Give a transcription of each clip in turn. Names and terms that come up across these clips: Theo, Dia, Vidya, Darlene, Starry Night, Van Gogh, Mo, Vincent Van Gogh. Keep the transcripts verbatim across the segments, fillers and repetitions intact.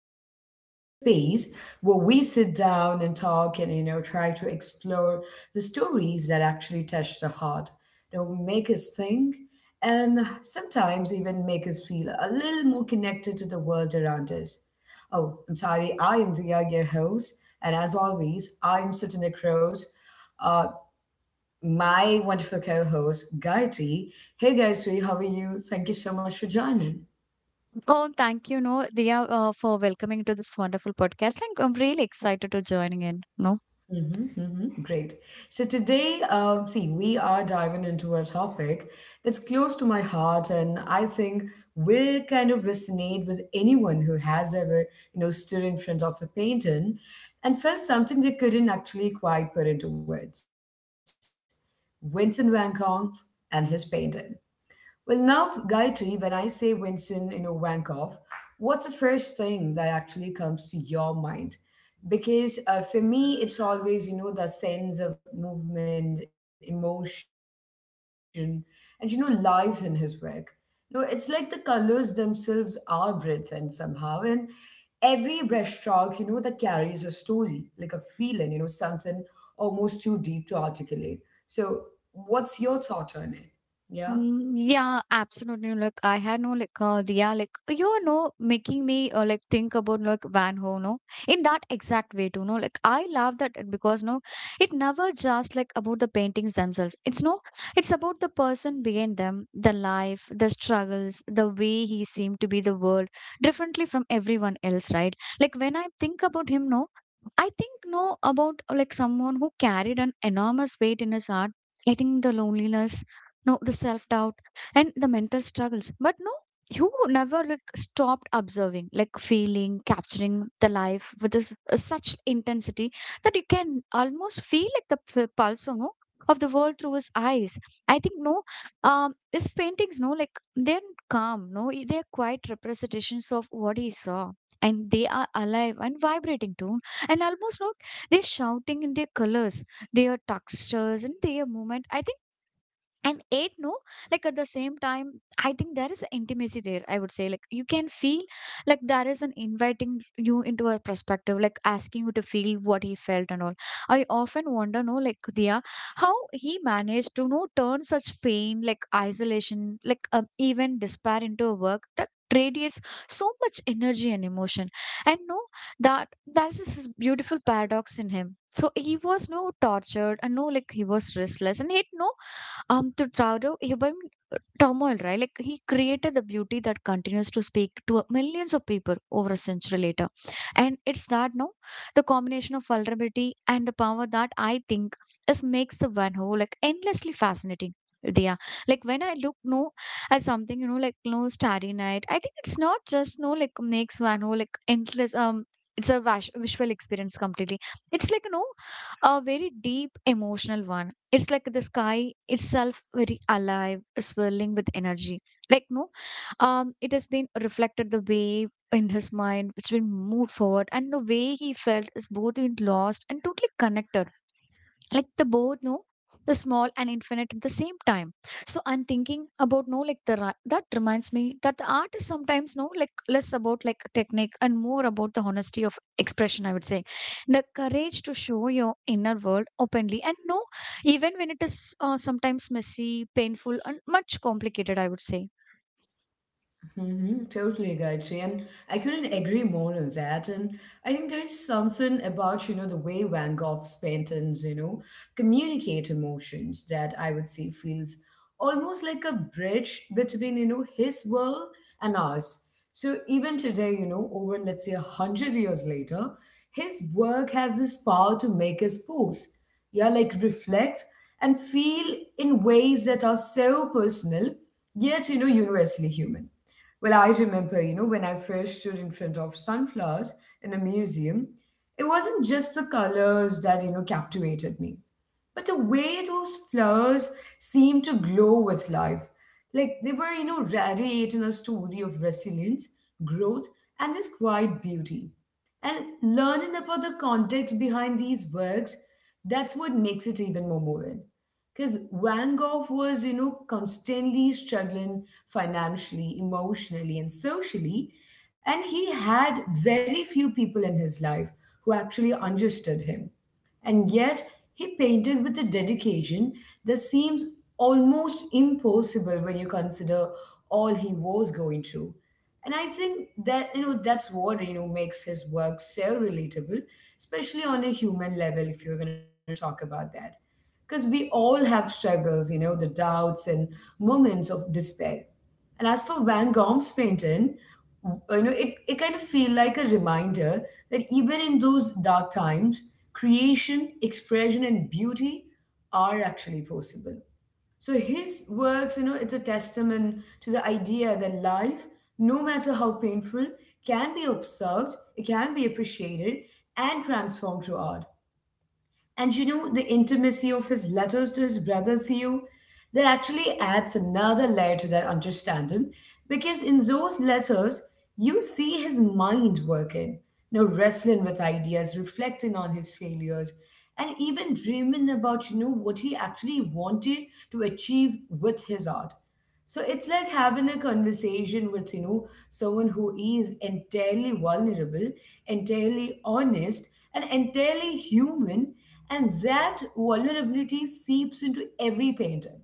a cozy little space where we sit down and talk and you know try to explore the stories that actually touch the heart, you know, make us think, and sometimes even make us feel a little more connected to the world around us. Oh, I'm sorry, I am Ria, your host, and as always, I'm sitting across uh, my wonderful co-host Gayatri. Hey Gayatri, how are you? Thank you so much for joining. Oh, thank you, no, Dia, uh, for welcoming to this wonderful podcast. Like, I'm really excited to joining in, no? hmm hmm Great. So today, uh, see, we are diving into a topic that's close to my heart, and I think will kind of resonate with anyone who has ever, you know, stood in front of a painting and felt something they couldn't actually quite put into words. Vincent Van Gogh and his painting. Well, now, Gayatri, when I say Vincent, you know, Vankoff, what's the first thing that actually comes to your mind? Because uh, for me, it's always, you know, the sense of movement, emotion, and, you know, life in his work. You know, it's like the colors themselves are breath and somehow. And every brushstroke, you know, that carries a story, like a feeling, you know, something almost too deep to articulate. So, what's your thought on it? Um, Yeah. yeah, absolutely. Like, I had no, like, uh, yeah, like, you know, making me, uh, like, think about, like, Van Gogh, no, in that exact way, too, no, like, I love that it- because, no, it never just, like, about the paintings themselves. It's no, it's about the person behind them, the life, the struggles, the way he seemed to be the world, differently from everyone else, right? Like, when I think about him, no, I think, no, about, uh, like, someone who carried an enormous weight in his heart. I think the loneliness, no, the self doubt, and the mental struggles, but no, you never like stopped observing, like feeling, capturing the life with this, uh, such intensity that you can almost feel like the p- pulse, you know, of the world through his eyes. I think, no, um his paintings, no, like they're calm, no, i- they're quite representations of what he saw, and they are alive and vibrating too. And almost, no, they're shouting in their colors, their textures, and their movement, I think. And eight, no, like at the same time, I think there is intimacy there, I would say. Like, you can feel like there is an inviting you into a perspective, like asking you to feel what he felt and all. I often wonder, no, like, Dia, how he managed to, no, turn such pain, like isolation, like, um, even despair, into a work that radiates so much energy and emotion. And no, that that's this beautiful paradox in him. So he was, no, tortured, and no, like he was restless, and he, no, um, to Taro, human turmoil, right? Like he created the beauty that continues to speak to uh, millions of people over a century later. And it's that, no, the combination of vulnerability and the power that I think is makes the Van Gogh like endlessly fascinating. Yeah, like when I look, no, at something, you know, like, no, starry night. I think it's not just, no, like makes Van Gogh like endless. Um, it's a vas- visual experience completely. It's like, you know, a very deep emotional one. It's like the sky itself very alive, swirling with energy. Like, no, um, it has been reflected the way in his mind, which will move forward, and the way he felt is both in lost and totally connected, like the both know the small and infinite at the same time. So I'm thinking about, no, like the ri- that reminds me that the art is sometimes, no, like less about like technique and more about the honesty of expression, I would say. The courage to show your inner world openly, and no, even when it is uh, sometimes messy, painful, and much complicated, I would say. Mm-hmm, totally, Gayatri. And I couldn't agree more on that. And I think there's something about, you know, the way Van Gogh's paintings, you know, communicate emotions that I would say feels almost like a bridge between, you know, his world and ours. So even today, you know, over let's say a hundred years later, his work has this power to make us pause. Yeah, like reflect and feel in ways that are so personal yet you know universally human. Well, I remember, you know, when I first stood in front of Sunflowers in a museum, it wasn't just the colors that you know captivated me, but the way those flowers seemed to glow with life, like they were you know radiating a story of resilience, growth, and this quiet beauty. And learning about the context behind these works, that's what makes it even more moving. Because Van Gogh was, you know, constantly struggling financially, emotionally, and socially. And he had very few people in his life who actually understood him. And yet, he painted with a dedication that seems almost impossible when you consider all he was going through. And I think that, you know, that's what you know makes his work so relatable, especially on a human level if you're going to talk about that. Because we all have struggles, you know, the doubts and moments of despair. And as for Van Gogh's painting, you know, it, it kind of feel like a reminder that even in those dark times, creation, expression and beauty are actually possible. So his works, you know, it's a testament to the idea that life, no matter how painful, can be observed, it can be appreciated, and transformed through art. And you know, the intimacy of his letters to his brother Theo, that actually adds another layer to that understanding. Because in those letters, you see his mind working, you know, wrestling with ideas, reflecting on his failures, and even dreaming about, you know, what he actually wanted to achieve with his art. So it's like having a conversation with, you know, someone who is entirely vulnerable, entirely honest, and entirely human. And that vulnerability seeps into every painting,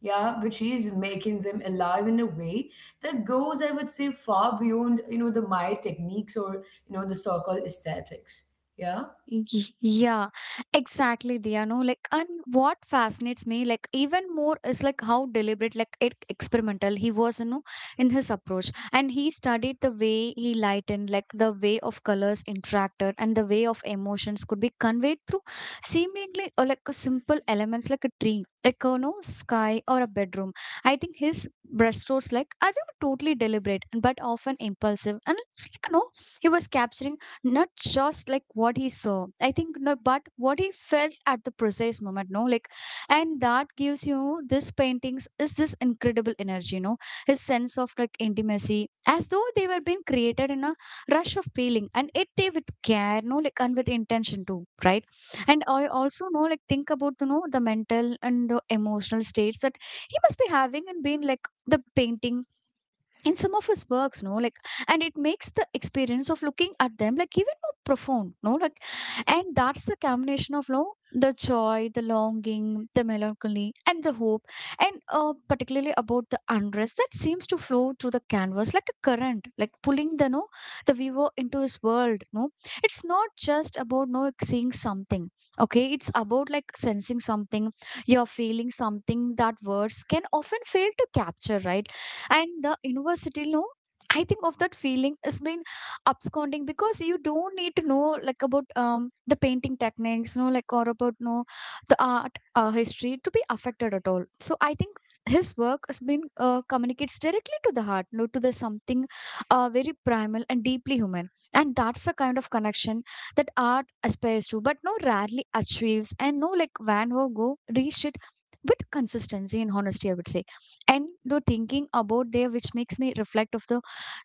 yeah, which is making them alive in a way that goes, I would say, far beyond, you know, the my techniques or, you know, the so-called aesthetics. Yeah. Y- Yeah, exactly, Dia. No, like, and what fascinates me, like, even more is like how deliberate, like, it, experimental he was, you know, in his approach. And he studied the way he lightened, like, the way of colors interacted, and the way of emotions could be conveyed through seemingly or like a simple elements, like a tree, like, you know, sky or a bedroom. I think his brushstrokes, like, I think totally deliberate, and but often impulsive, and it's like, no, he was capturing not just like what he saw, I think, no, but what he felt at the precise moment, no, like. And that gives you this paintings is this incredible energy, you know, his sense of like intimacy as though they were being created in a rush of feeling, and it they with care, no, like, and with intention too, right? And I also know like think about the know the mental and the emotional states that he must be having and being like the painting in some of his works, no, like. And it makes the experience of looking at them like even more profound, no, like. And that's the combination of, no, the joy, the longing, the melancholy, and the hope. And uh, particularly about the unrest that seems to flow through the canvas like a current, like pulling the, no, the viewer into his world, no. It's not just about, no, like, seeing something. Okay, it's about like sensing something. You're feeling something that words can often fail to capture, right? And the university, no, I think of that feeling has been absconding, because you don't need to know like about um the painting techniques, no, like, or about, no, the art, uh, history to be affected at all. So I think his work has been uh, communicates directly to the heart, no, to the something, uh, very primal and deeply human. And that's the kind of connection that art aspires to, but no rarely achieves. And no, like Van Gogh reached it with consistency and honesty, I would say. And the thinking about there which makes me reflect of the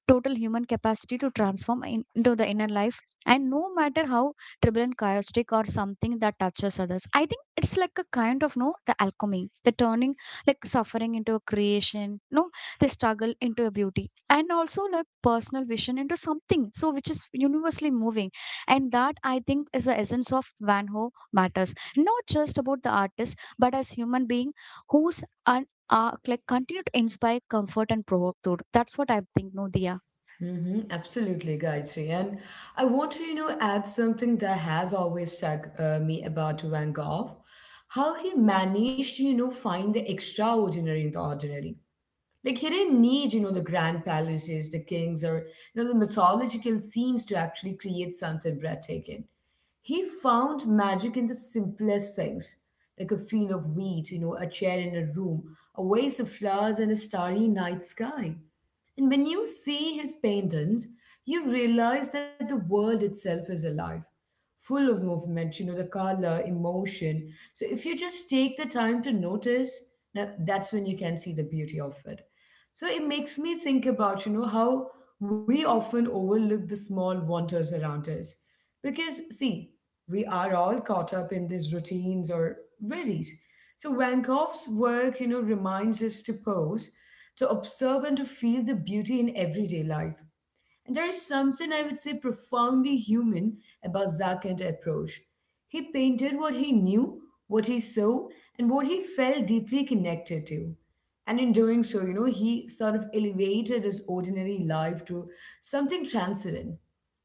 total human capacity to transform in- into the inner life, and no matter how turbulent, chaotic, or something that touches others, I think it's like a kind of, no, the alchemy, the turning like suffering into a creation, no, the struggle into a beauty, and also like personal vision into something, so which is universally moving. And that, I think, is the essence of Van Ho matters, not just about the artist, but as human being, who's whose uh, like continue to inspire, comfort, and provoke thought. That's what I think, no, Diya. Mm-hmm, absolutely, Gayatri. And I want to, you know, add something that has always struck uh, me about Van Gogh, how he managed to, you know, find the extraordinary in the ordinary. Like he didn't need, you know, the grand palaces, the kings, or you know, the mythological scenes to actually create something breathtaking. He found magic in the simplest things, like a field of wheat, you know, a chair in a room, a vase of flowers, and a starry night sky. And when you see his paintings, you realize that the world itself is alive, full of movement, you know, the color, emotion. So if you just take the time to notice, now that's when you can see the beauty of it. So it makes me think about, you know, how we often overlook the small wonders around us. Because, see, we are all caught up in these routines or worries. So Van Gogh's work, you know, reminds us to pause, to observe and to feel the beauty in everyday life. And there is something I would say profoundly human about that approach. He painted what he knew, what he saw, and what he felt deeply connected to. And in doing so, you know, he sort of elevated his ordinary life to something transcendent.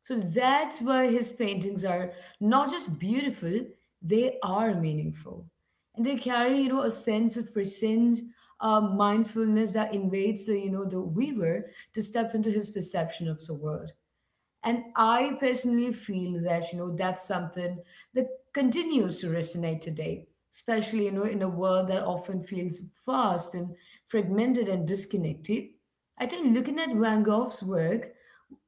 So that's why his paintings are not just beautiful, they are meaningful, and they carry you know a sense of presence, uh, mindfulness that invades the you know the weaver to step into his perception of the world. And I personally feel that, you know, that's something that continues to resonate today, especially, you know, in a world that often feels fast and fragmented and disconnected. I think looking at Van Gogh's work,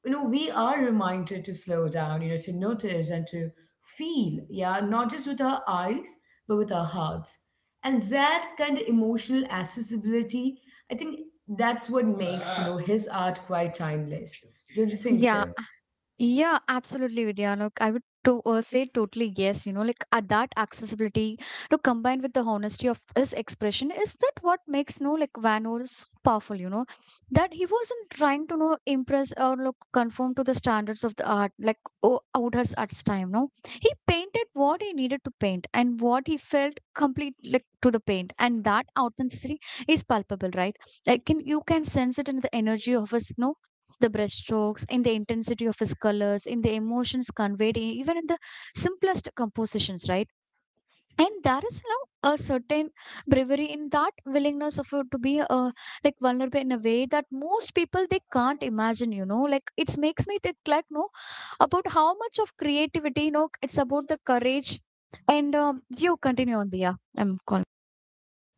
you know, we are reminded to slow down, you know, to notice and to feel, yeah, not just with our eyes, but with our hearts. And that kind of emotional accessibility, I think that's what makes, you know, his art quite timeless. Don't you think Yeah, so? yeah, absolutely, Vidya. Look, I would to uh, say totally yes. You know, like, uh, that accessibility to combine with the honesty of his expression is that what makes, no, like Van Gogh so powerful. You know, that he wasn't trying to know impress or look conform to the standards of the art, like, oh, out his art's time. No, he painted what he needed to paint and what he felt complete like to the paint, and that authenticity is palpable, right? Like, can you can sense it in the energy of his, no, the brushstrokes, in the intensity of his colors, in the emotions conveyed, e- even in the simplest compositions, right? And there is now a certain bravery in that willingness of you to be uh, like vulnerable in a way that most people they can't imagine. You know, like, it makes me think like, no, about how much of creativity. You know, it's about the courage. And um, you continue on, Dia. I'm calling.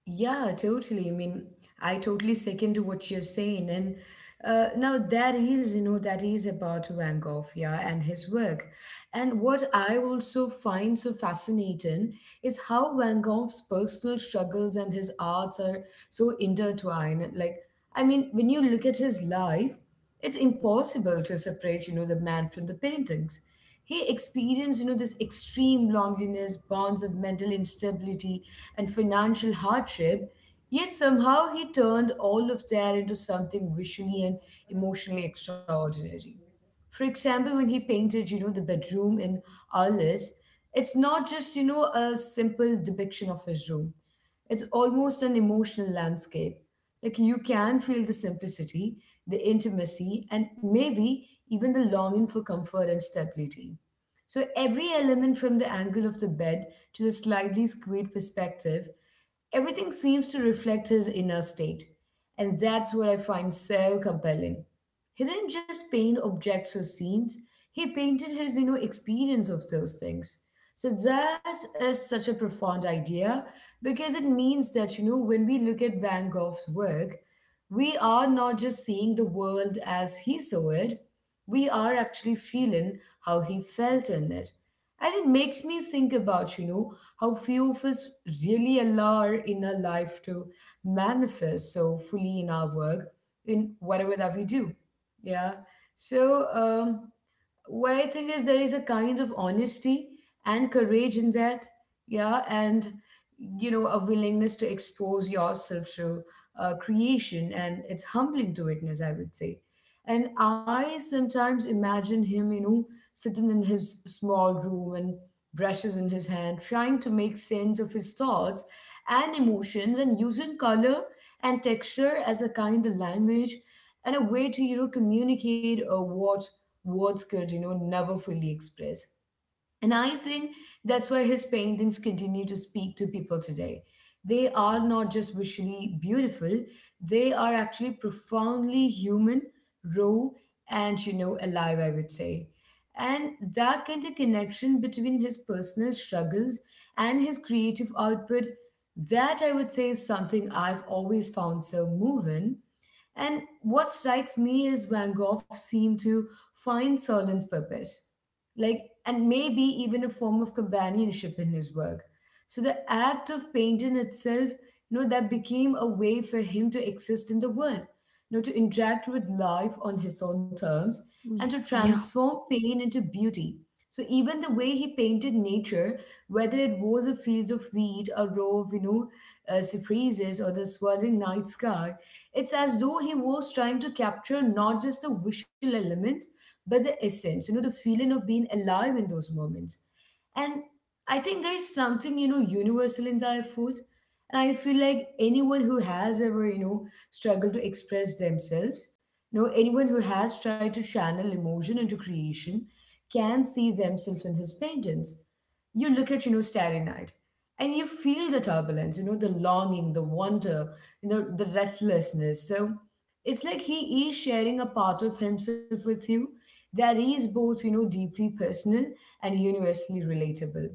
Yeah, totally. I mean, I totally second to what you're saying. And uh, now that is, you know, that is about Van Gogh, yeah, and his work. And what I also find so fascinating is how Van Gogh's personal struggles and his arts are so intertwined. Like, I mean, when you look at his life, it's impossible to separate, you know, the man from the paintings. He experienced, you know, this extreme loneliness, bonds of mental instability, and financial hardship. Yet somehow he turned all of that into something visually and emotionally extraordinary. For example, when he painted, you know, the bedroom in Alice, it's not just, you know, a simple depiction of his room. It's almost an emotional landscape. Like you can feel the simplicity, the intimacy, and maybe even the longing for comfort and stability. So every element from the angle of the bed to the slightly skewed perspective, everything seems to reflect his inner state. And that's what I find so compelling. He didn't just paint objects or scenes, he painted his you know experience of those things. So that is such a profound idea, because it means that you know when we look at Van Gogh's work, we are not just seeing the world as he saw it, we are actually feeling how he felt in it. And it makes me think about, you know, how few of us really allow our inner life to manifest so fully in our work, in whatever that we do. Yeah. So um what I think is there is a kind of honesty and courage in that, yeah, and you know a willingness to expose yourself to uh, creation, and it's humbling to witness, I would say. And I sometimes imagine him, you know, sitting in his small room and brushes in his hand, trying to make sense of his thoughts and emotions, and using color and texture as a kind of language and a way to, you know, communicate uh, what words could, you know, never fully express. And I think that's why his paintings continue to speak to people today. They are not just visually beautiful, they are actually profoundly human, raw, and you know, alive, I would say. And that kind of connection between his personal struggles and his creative output, that I would say is something I've always found so moving. And what strikes me is Van Gogh seemed to find Solon's purpose, like, and maybe even a form of companionship in his work. So the act of painting itself, you know, that became a way for him to exist in the world, you know, to interact with life on his own terms, and to Mm, yeah. transform pain into beauty. So even the way he painted nature, whether it was a field of wheat, a row of you know uh, cypresses, or the swirling night sky, it's as though he was trying to capture not just the visual elements but the essence. You know, the feeling of being alive in those moments. And I think there is something, you know, universal in Thai food. And I feel like anyone who has ever, you know, struggled to express themselves, you know, anyone who has tried to channel emotion into creation can see themselves in his paintings. You look at, you know, Starry Night and you feel the turbulence, you know, the longing, the wonder, you know, the restlessness. So it's like he is sharing a part of himself with you that is both you know deeply personal and universally relatable.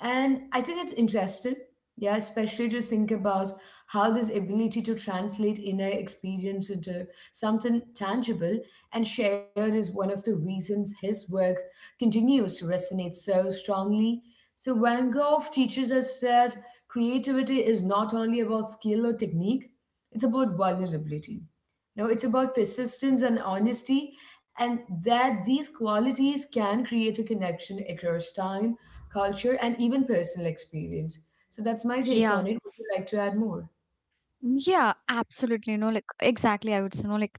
And I think it's interesting. Yeah, especially to think about how this ability to translate inner experience into something tangible and shared is one of the reasons his work continues to resonate so strongly. So Van Gogh teaches us that creativity is not only about skill or technique, it's about vulnerability. No, it's about persistence and honesty, and that these qualities can create a connection across time, culture, and even personal experience. So that's my take on Yeah. it. Would you like to add more? Yeah, absolutely. You know, like exactly, I would say, no. Like,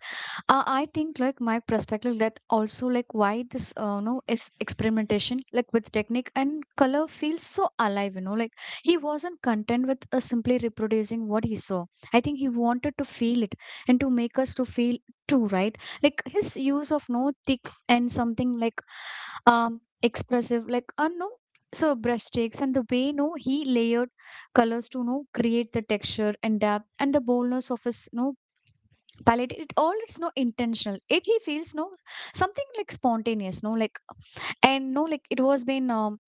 uh, I think like my perspective that also like why this, uh, no, is experimentation like with technique and color feels so alive. You know, like he wasn't content with uh, simply reproducing what he saw. I think he wanted to feel it and to make us to feel too, right? Like his use of, no, thick and something like um expressive, like, uh, no. So brushstrokes and the way, no, he layered colors to, you know, create the texture and depth and the boldness of his, you know, palette. It all it's, no, intentional. It he feels, no, something like spontaneous, no, like. And no, like it was been, um,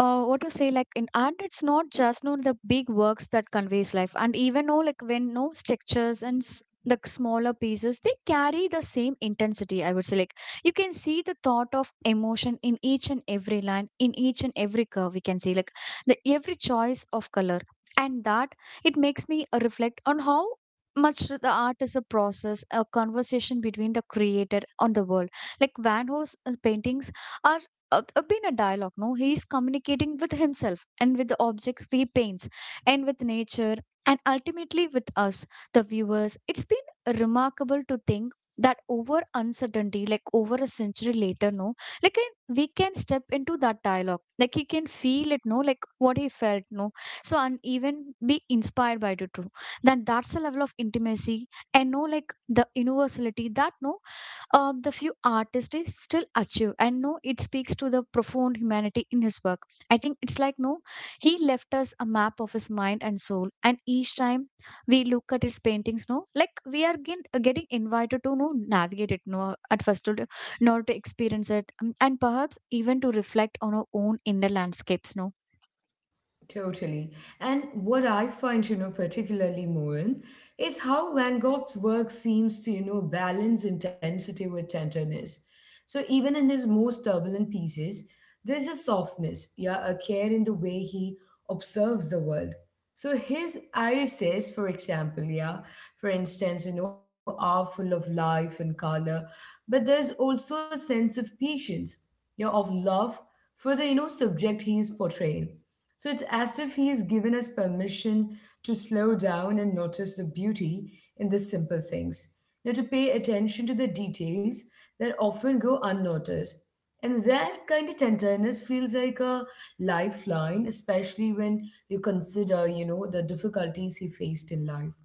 uh, what to say, like in, and it's not just, no, the big works that conveys life. And even though, like when, no, textures and s- the smaller pieces, they carry the same intensity, I would say. Like, you can see the thought of emotion in each and every line, in each and every curve. We can see like the every choice of color. And that it makes me uh, reflect on how much the art is a process, a conversation between the creator and the world. Like Van Gogh's uh, paintings are, uh, uh, been a dialogue, no, he's communicating with himself and with the objects he paints, and with nature, and ultimately with us, the viewers. It's been remarkable to think that over uncertainty like over a century later, no, like, and we can step into that dialogue, like he can feel it, no, like what he felt, no. So and even be inspired by it too. Then that's a level of intimacy and, no, like the universality that, no, uh, the few artists is still achieve. And no it speaks to the profound humanity in his work. I think it's like, no, he left us a map of his mind and soul. And each time we look at his paintings, no, like, we are getting, getting invited to, no, navigate it, no, at first, to in order to experience it, um, and perhaps even to reflect on our own inner landscapes, no. Totally. And what I find, you know, particularly moving is how Van Gogh's work seems to, you know, balance intensity with tenderness. So even in his most turbulent pieces, there's a softness, yeah, a care in the way he observes the world. So his irises, for example, yeah, for instance, you know, are full of life and color, but there's also a sense of patience, yeah, of love for the, you know, subject he is portraying. So it's as if he has given us permission to slow down and notice the beauty in the simple things, Now to pay attention to the details that often go unnoticed. And that kind of tenderness feels like a lifeline, especially when you consider, you know, the difficulties he faced in life.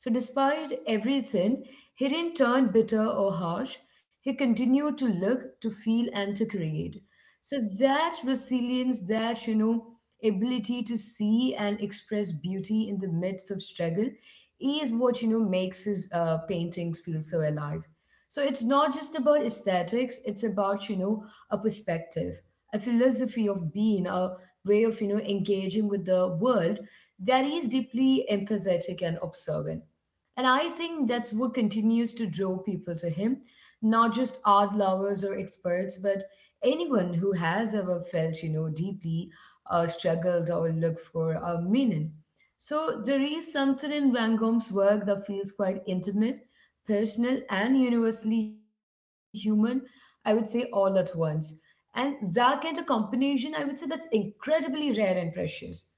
So, despite everything, he didn't turn bitter or harsh. He continued to look, to feel, and to create. So, that resilience, that, you know, ability to see and express beauty in the midst of struggle is what, you know, makes his uh, paintings feel so alive. So it's not just about aesthetics, it's about, you know, a perspective, a philosophy of being, a way of, you know, engaging with the world that is deeply empathetic and observant. And I think that's what continues to draw people to him, not just art lovers or experts, but anyone who has ever felt, you know, deeply uh, struggled or looked for a meaning. So there is something in Van Gogh's work that feels quite intimate, personal, and universally human, I would say all at once. And that kind of combination, I would say that's incredibly rare and precious. Yeah.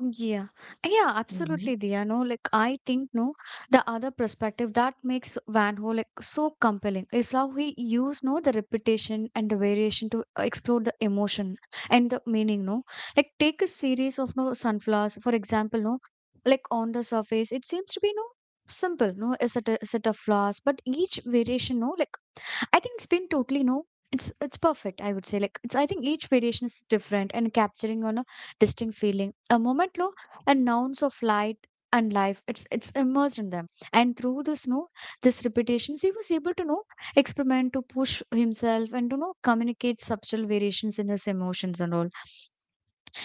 Yeah, Mm-hmm. yeah, absolutely, Diya. No, like I think no, The other perspective that makes Van Ho like so compelling is how he used no the repetition and the variation to explore the emotion and the meaning. No, like take a series of no sunflowers, for example, no, like on the surface it seems to be no simple, no a set a set of flowers, but each variation no like I think it's been totally no. It's it's perfect. I would say like it's. I think each variation is different and capturing on a distinct feeling, a moment low, and nouns of light and life. It's it's immersed in them, and through this no, this repetitions, he was able to know experiment to push himself and to know communicate subtle variations in his emotions and all,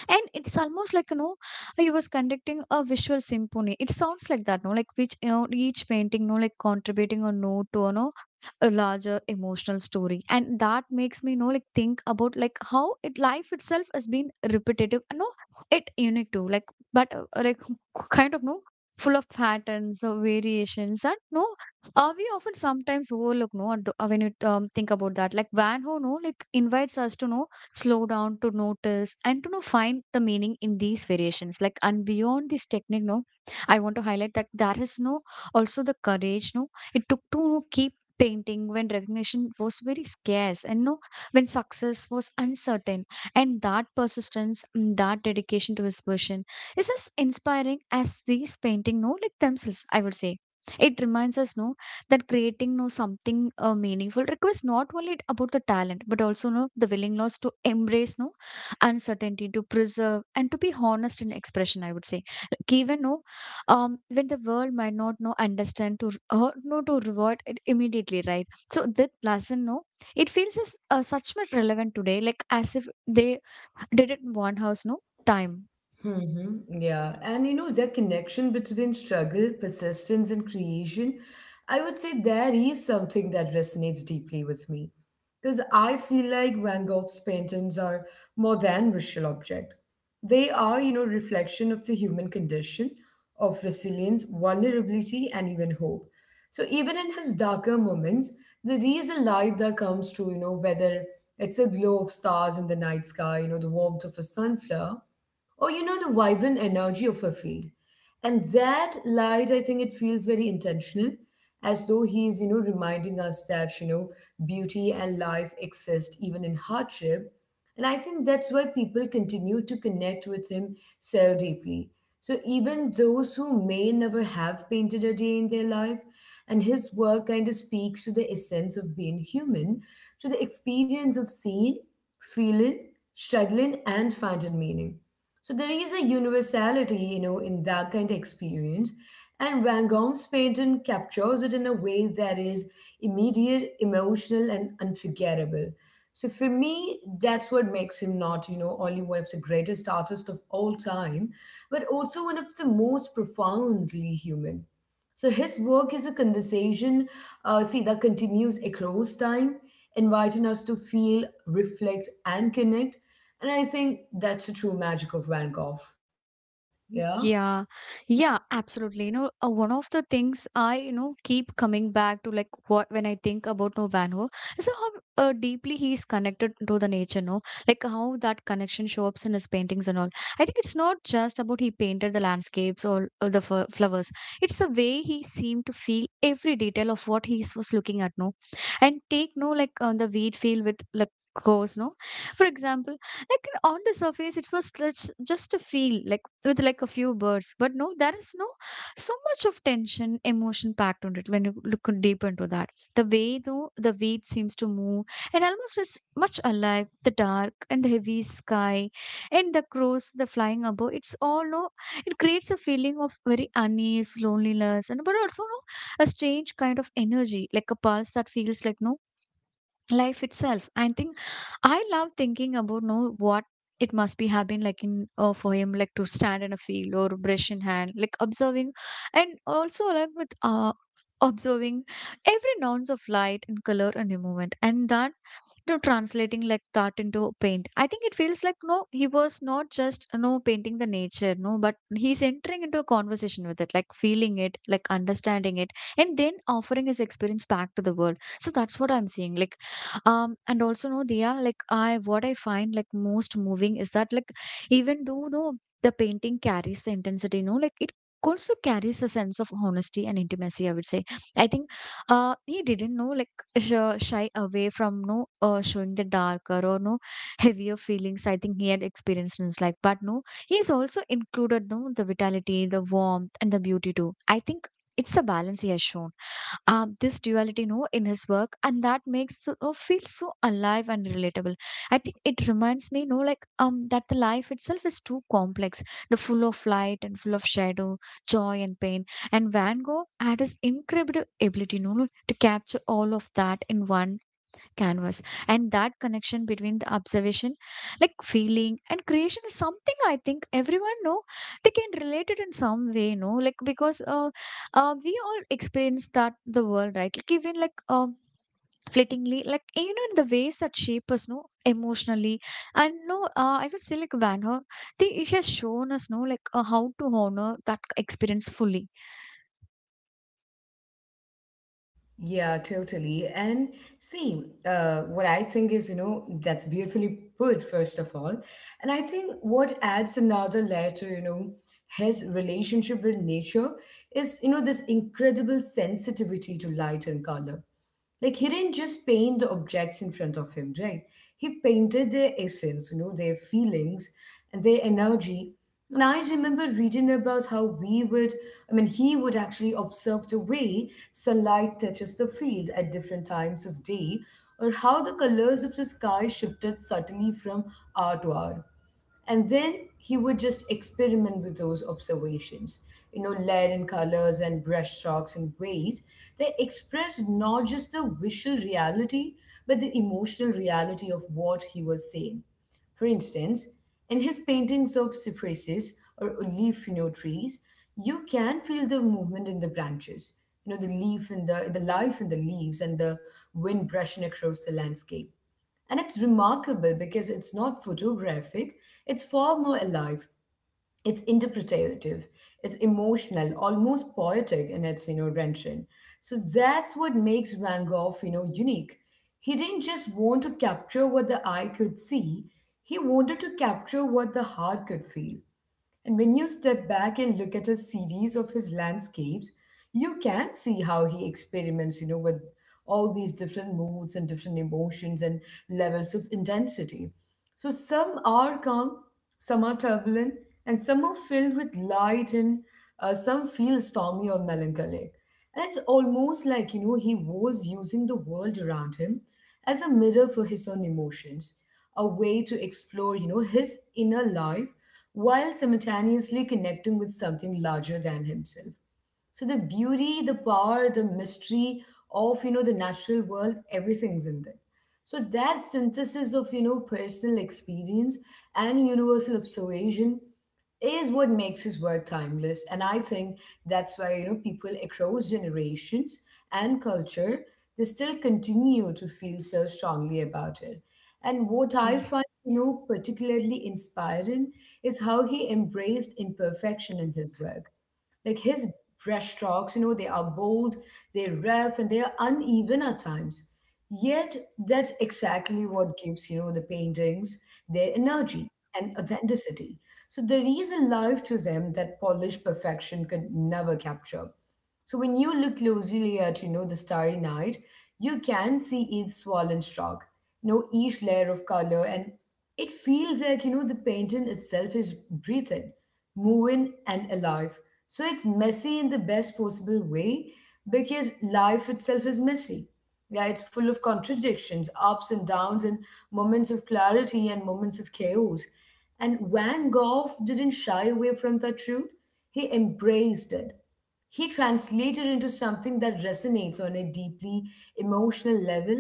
and it's almost like you know he was conducting a visual symphony. It sounds like that no like which you know, each painting no like contributing a note to you know a larger emotional story. And that makes me you know like think about like how it life itself has been repetitive, you know it unique too, like but uh, like kind of no full of patterns or variations, and no uh, we often sometimes overlook no at the- uh, when you um, think about that, like Van Ho no like invites us to know slow down to notice and to know find the meaning in these variations, like and beyond this technique no I want to highlight that there is no also the courage no it took to no, keep painting when recognition was very scarce, and no when success was uncertain. And that persistence, mm, that dedication to his vision, is as inspiring as these painting no like themselves, I would say. It reminds us no that creating no something uh, meaningful requires not only about the talent, but also no the willingness to embrace no uncertainty, to preserve, and to be honest in expression, I would say. Like even no um when the world might not know understand to r- or no to reward it immediately, right? So that lesson no it feels as uh, such much relevant today, like as if they did it in one house no time. hmm Yeah. And you know, that connection between struggle, persistence, and creation, I would say there is something that resonates deeply with me. Because I feel like Van Gogh's paintings are more than visual object. They are, you know, reflection of the human condition, of resilience, vulnerability, and even hope. So even in his darker moments, there is a light that comes through, you know, whether it's a glow of stars in the night sky, you know, the warmth of a sunflower, or you know the vibrant energy of her field. And that light, I think it feels very intentional, as though he is you know reminding us that you know beauty and life exist even in hardship. And I think that's why people continue to connect with him so deeply, so even those who may never have painted a day in their life, and his work kind of speaks to the essence of being human, to the experience of seeing, feeling, struggling, and finding meaning. So there is a universality, you know, in that kind of experience. And Van Gogh's painting captures it in a way that is immediate, emotional, and unforgettable. So for me, that's what makes him not, you know, only one of the greatest artists of all time, but also one of the most profoundly human. So his work is a conversation, uh, see, that continues across time, inviting us to feel, reflect, and connect. And I think that's the true magic of Van Gogh. Yeah. Yeah, yeah, absolutely. You know, uh, one of the things I, you know, keep coming back to like what when I think about no Van Gogh, is how uh, deeply he's connected to the nature, no? Like how that connection shows up in his paintings and all. I think it's not just about he painted the landscapes, or, or the f flowers. It's the way he seemed to feel every detail of what he was looking at, no? And take no like on the wheat field with like goes, no? For example, like on the surface it was just just a feel like with like a few birds, but no there is no so much of tension emotion packed on it when you look deep into that, the way though the weight seems to move and almost is much alive, the dark and the heavy sky and the crows the flying above, it's all no it creates a feeling of very unease loneliness, and but also no a strange kind of energy, like a pulse that feels like no life itself. I think I love thinking about know what it must be have been like in uh, for him, like to stand in a field or brush in hand like observing, and also like with uh observing every nuance of light and color and movement. And that, you know, translating like that into paint, I think it feels like no he was not just no painting the nature, no but he's entering into a conversation with it, like feeling it, like understanding it, and then offering his experience back to the world. So that's what I'm seeing, like um and also no Diya, like I, what I find like most moving is that like even though no the painting carries the intensity, no like it also carries a sense of honesty and intimacy, I would say. I think uh he didn't know like sh- shy away from no uh, showing the darker or no heavier feelings I think he had experienced in his life, but no he's also included no the vitality, the warmth, and the beauty too. I think it's the balance he has shown. Um, this duality, no, in his work, and that makes you know, feel so alive and relatable. I think it reminds me, no, like um that the life itself is too complex, the full of light and full of shadow, joy and pain. And Van Gogh had his incredible ability no, no, to capture all of that in one canvas. And that connection between the observation, like feeling and creation, is something I think everyone know they can relate it in some way, no like because uh, uh we all experience that the world, right? Like even like um fleetingly, like you know in the ways that shape us no emotionally. And no uh, I would say like Van her, they she has shown us no like uh, how to honor that experience fully. Yeah, totally. And see, uh, what I think is, you know, that's beautifully put, first of all. And I think what adds another layer to, you know, his relationship with nature is, you know, this incredible sensitivity to light and color. Like he didn't just paint the objects in front of him, right? He painted their essence, you know, their feelings and their energy. And I remember reading about how we would, I mean, he would actually observe the way sunlight touches the field at different times of day, or how the colors of the sky shifted subtly from hour to hour. And then he would just experiment with those observations, you know layer in colors and brushstrokes in ways that expressed not just the visual reality, but the emotional reality of what he was saying. For instance, in his paintings of cypresses or oleifino trees, you can feel the movement in the branches, you know the leaf in the the life in the leaves, and the wind brushing across the landscape. And it's remarkable because it's not photographic, it's far more alive, it's interpretative, it's emotional, almost poetic in its, you know, rendition. So that's what makes Van Gogh, you know, unique. He didn't just want to capture what the eye could see, he wanted to capture what the heart could feel. And when you step back and look at a series of his landscapes, you can see how he experiments, you know, with all these different moods and different emotions and levels of intensity. So some are calm, some are turbulent, and some are filled with light, and uh, some feel stormy or melancholic. And it's almost like, you know, he was using the world around him as a mirror for his own emotions, a way to explore, you know, his inner life while simultaneously connecting with something larger than himself. So the beauty, the power, the mystery of you know the natural world, everything's in there. So that synthesis of you know personal experience and universal observation is what makes his work timeless. And I think that's why you know people across generations and culture, they still continue to feel so strongly about it. And what I find you know particularly inspiring is how he embraced imperfection in his work. Like his brushstrokes, you know, they are bold, they're rough, and they're uneven at times. Yet that's exactly what gives, you know, the paintings their energy and authenticity. So there is a life to them that polished perfection could never capture. So when you look closely at, you know, the Starry Night, you can see each swollen rock, you know, each layer of color, and it feels like, you know, the painting itself is breathing, moving, and alive. So it's messy in the best possible way, because life itself is messy. Yeah, it's full of contradictions, ups and downs, and moments of clarity and moments of chaos. And Van Gogh didn't shy away from that truth, he embraced it, he translated into something that resonates on a deeply emotional level.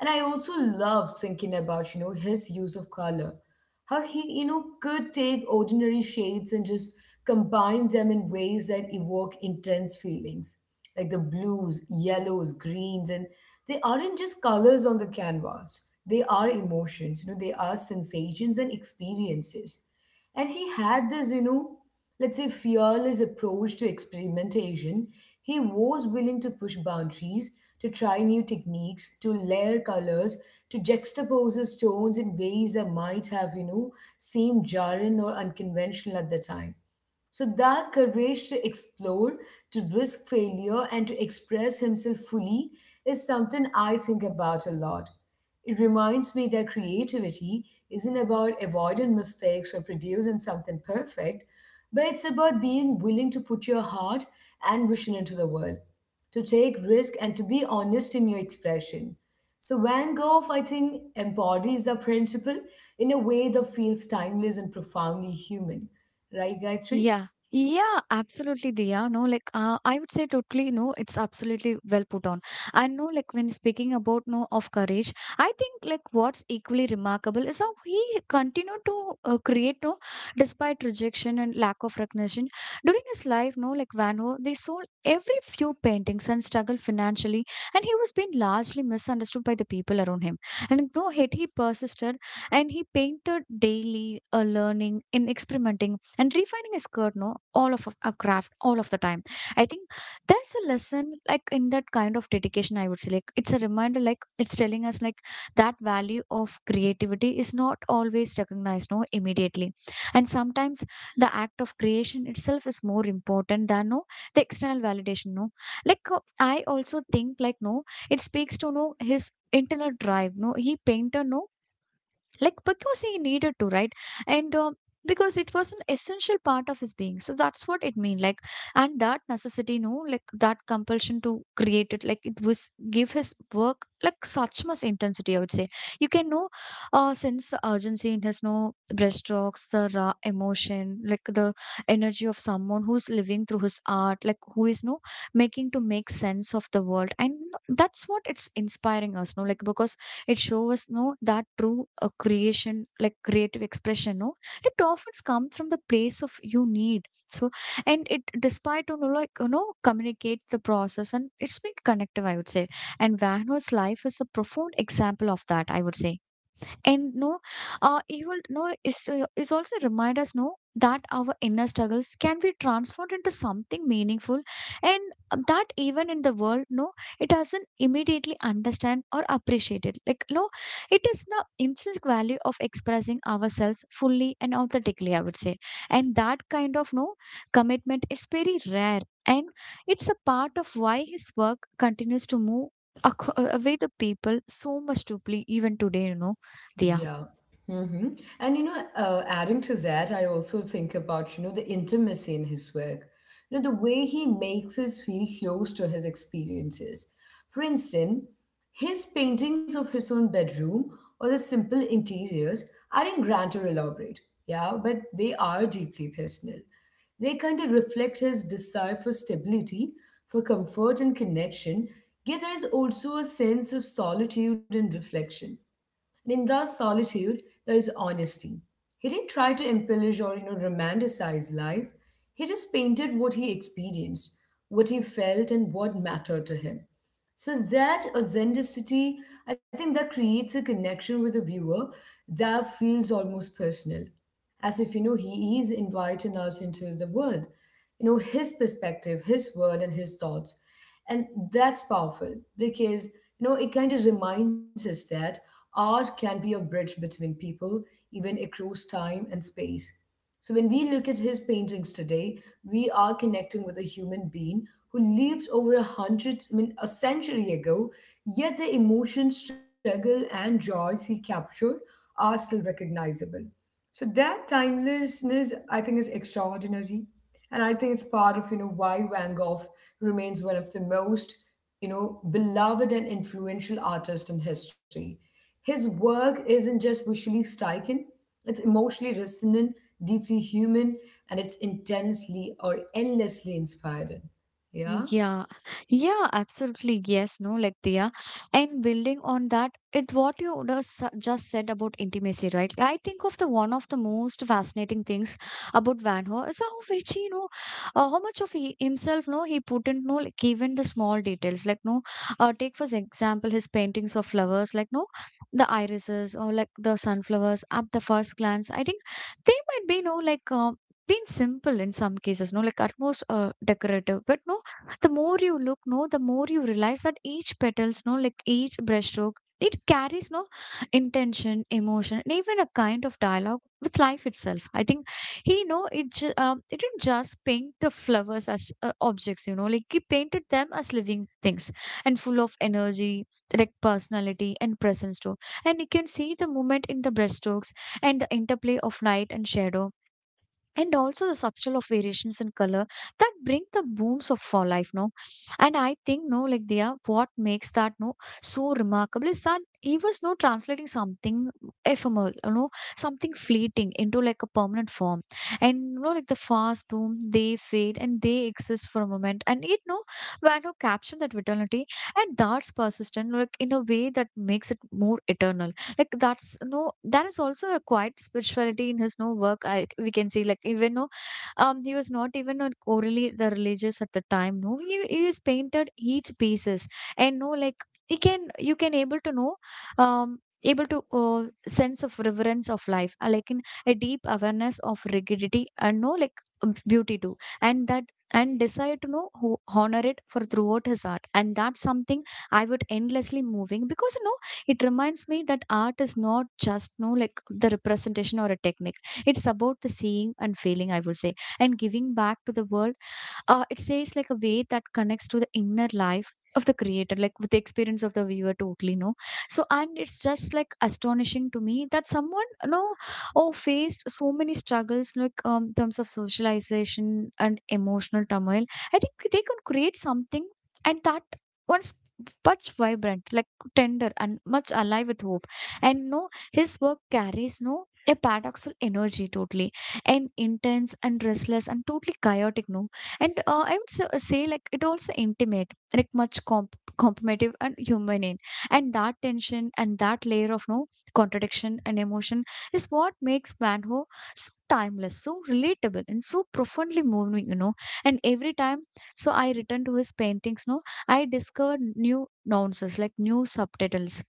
And I also love thinking about you know his use of color, how he you know could take ordinary shades and just combine them in ways that evoke intense feelings. Like the blues, yellows, greens, and they aren't just colors on the canvas, they are emotions, you know they are sensations and experiences. And he had this, you know let's say, fearless approach to experimentation. He was willing to push boundaries, to try new techniques, to layer colors, to juxtapose his tones in ways that might have, you know, seemed jarring or unconventional at the time. So that courage to explore, to risk failure, and to express himself fully is something I think about a lot. It reminds me that creativity isn't about avoiding mistakes or producing something perfect, but it's about being willing to put your heart and vision into the world, to take risk and to be honest in your expression. So Van Gogh, I think, embodies the principle in a way that feels timeless and profoundly human. Right, Gayatri? Yeah. Yeah, absolutely, Diya. No, like uh, I would say totally no, it's absolutely well put on. And no, like when speaking about no of courage, I think like what's equally remarkable is how he continued to uh, create no despite rejection and lack of recognition during his life. No, like Van Gogh, they sold every few paintings and struggled financially, and he was being largely misunderstood by the people around him. And no, yet he persisted, and he painted daily, uh, learning, and experimenting and refining is good no all of a craft all of the time. I think there's a lesson like in that kind of dedication, I would say. Like it's a reminder, like it's telling us like that value of creativity is not always recognized no immediately, and sometimes the act of creation itself is more important than no the external validation. No like uh, I also think like no it speaks to no his internal drive, no he painter, no like because he needed to, right? And uh, because it was an essential part of his being, so that's what it mean. Like, and that necessity, no like that compulsion to create, it like it was give his work like such much intensity, I would say. You can know uh sense the urgency in his no brushstrokes, the raw emotion, like the energy of someone who's living through his art, like who is no making to make sense of the world. And that's what it's inspiring us, no like because it shows us no that true uh, creation like creative expression, no it often comes from the place of you need. So and it despite you know, like you know communicate the process, and it's been connective, I would say. And Wagner's life is a profound example of that, I would say. And no uh, you will know is uh, is also remind us no that our inner struggles can be transformed into something meaningful. And uh, that even in the world, no it doesn't immediately understand or appreciate it like, no it is the intrinsic value of expressing ourselves fully and authentically, I would say. And that kind of no commitment is very rare, and it's a part of why his work continues to move ac- uh, away the people so much deeply even today, you know, Día. Yeah. hmm And you know, uh, adding to that, I also think about, you know, the intimacy in his work. You know, the way he makes us feel close to his experiences. For instance, his paintings of his own bedroom or the simple interiors aren't grand or elaborate, yeah, but they are deeply personal. They kind of reflect his desire for stability, for comfort and connection, yet there is also a sense of solitude and reflection. And in that solitude, there is honesty. He didn't try to embellish or you know romanticize life. He just painted what he experienced, what he felt, and what mattered to him. So that authenticity, I think that creates a connection with the viewer that feels almost personal, as if you know he is inviting us into the world, you know, his perspective, his word, and his thoughts. And that's powerful because, you know, it kind of reminds us that art can be a bridge between people, even across time and space. So when we look at his paintings today, we are connecting with a human being who lived over a hundred, I mean, a century ago. Yet the emotion, struggle, and joys he captured are still recognizable. So that timelessness, I think, is extraordinary, and I think it's part of, you know, why Van Gogh remains one of the most, you know, beloved and influential artists in history. His work isn't just visually striking; it's emotionally resonant, deeply human, and it's intensely or endlessly inspiring. Yeah. Yeah, yeah, absolutely. Yes, no, like Diya. And building on that, it what you just sa- just said about intimacy, right? I think of the one of the most fascinating things about Van Gogh is how which he, you know, uh, how much of he himself, no, he put in, no, like even the small details, like no, uh, take for example his paintings of flowers, like no, the irises or like the sunflowers at the first glance. I think they might be, no, like. Uh, been simple in some cases, no, like at most uh, decorative, but no, the more you look, no, the more you realize that each petals, no, like each brushstroke, it carries, no, intention, emotion, and even a kind of dialogue with life itself. I think he know it ju- um, it didn't just paint the flowers as uh, objects, you know, like he painted them as living things and full of energy, like personality and presence too. And you can see the movement in the brushstrokes and the interplay of light and shadow and also the subtle of variations in color that bring the booms of fall life, no. And I think, no, like they are what makes that, no, so remarkable is that he was, no, translating something ephemeral, you know, something fleeting into like a permanent form. And you know, like the fast boom, they fade and they exist for a moment and it, no, when, no, caption that vitality and that's persistent like in a way that makes it more eternal. Like that's no, that is also a quiet spirituality in his, no, work. I we can see, like even no, um he was not even a orally the religious at the time, no, he, he is painted each pieces, and no like he can you can able to know, um able to uh, sense of reverence of life, uh, like in a deep awareness of rigidity and, no, like, um, beauty too. And that and desire to know who honor it for throughout his art. And that's something I would endlessly moving because no, it reminds me that art is not just, no, like the representation or a technique. It's about the seeing and feeling, I would say, and giving back to the world. Uh, it says like a way that connects to the inner life of the creator like with the experience of the viewer totally, no. So and it's just like astonishing to me that someone, you know, oh, faced so many struggles, like um, in terms of socialization and emotional turmoil. I think they can create something and that once much vibrant, like tender and much alive with hope. And no, his work carries, no, a paradoxal energy totally, and intense and restless and totally chaotic, no. And uh, i would so- say like it also intimate, like much comp- competitive and human in, and that tension and that layer of, no, contradiction and emotion is what makes manho so timeless, so relatable, and so profoundly moving, you know. And every time so I return to his paintings, no, I discover new nuances, like new subtitles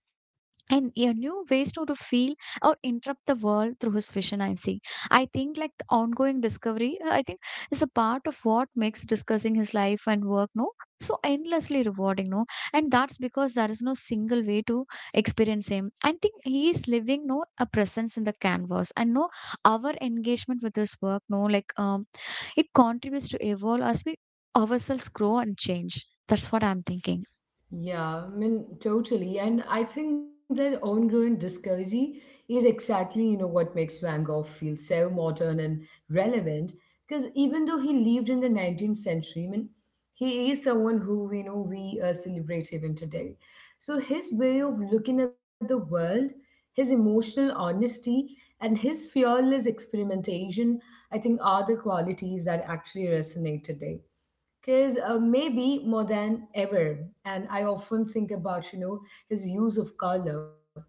and a new ways to, to feel or interrupt the world through his vision, I'm seeing. I think like the ongoing discovery, uh, I think is a part of what makes discussing his life and work, no, so endlessly rewarding, no. And that's because there is no single way to experience him. I think he is living, no, a presence in the canvas. And no, our engagement with his work, no, like, um it contributes to evolve as we ourselves grow and change. That's what I'm thinking. Yeah, I mean, totally. And I think that ongoing discovery is exactly, you know, what makes Van Gogh feel so modern and relevant. Because even though he lived in the nineteenth century, I mean, he is someone who, you know, we uh, celebrate even today. So his way of looking at the world, his emotional honesty, and his fearless experimentation, I think, are the qualities that actually resonate today because uh, maybe more than ever. And I often think about, you know, his use of color,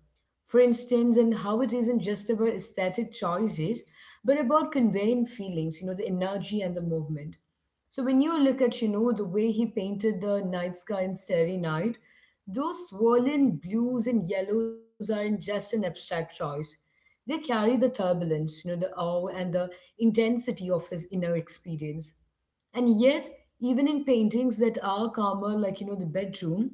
for instance, and how it isn't just about aesthetic choices but about conveying feelings, you know, the energy and the movement. So when you look at, you know, the way he painted the night sky in Starry Night, those swollen blues and yellows aren't just an abstract choice, they carry the turbulence, you know, the awe and the intensity of his inner experience. And yet, even in paintings that are calmer, like, you know, the bedroom,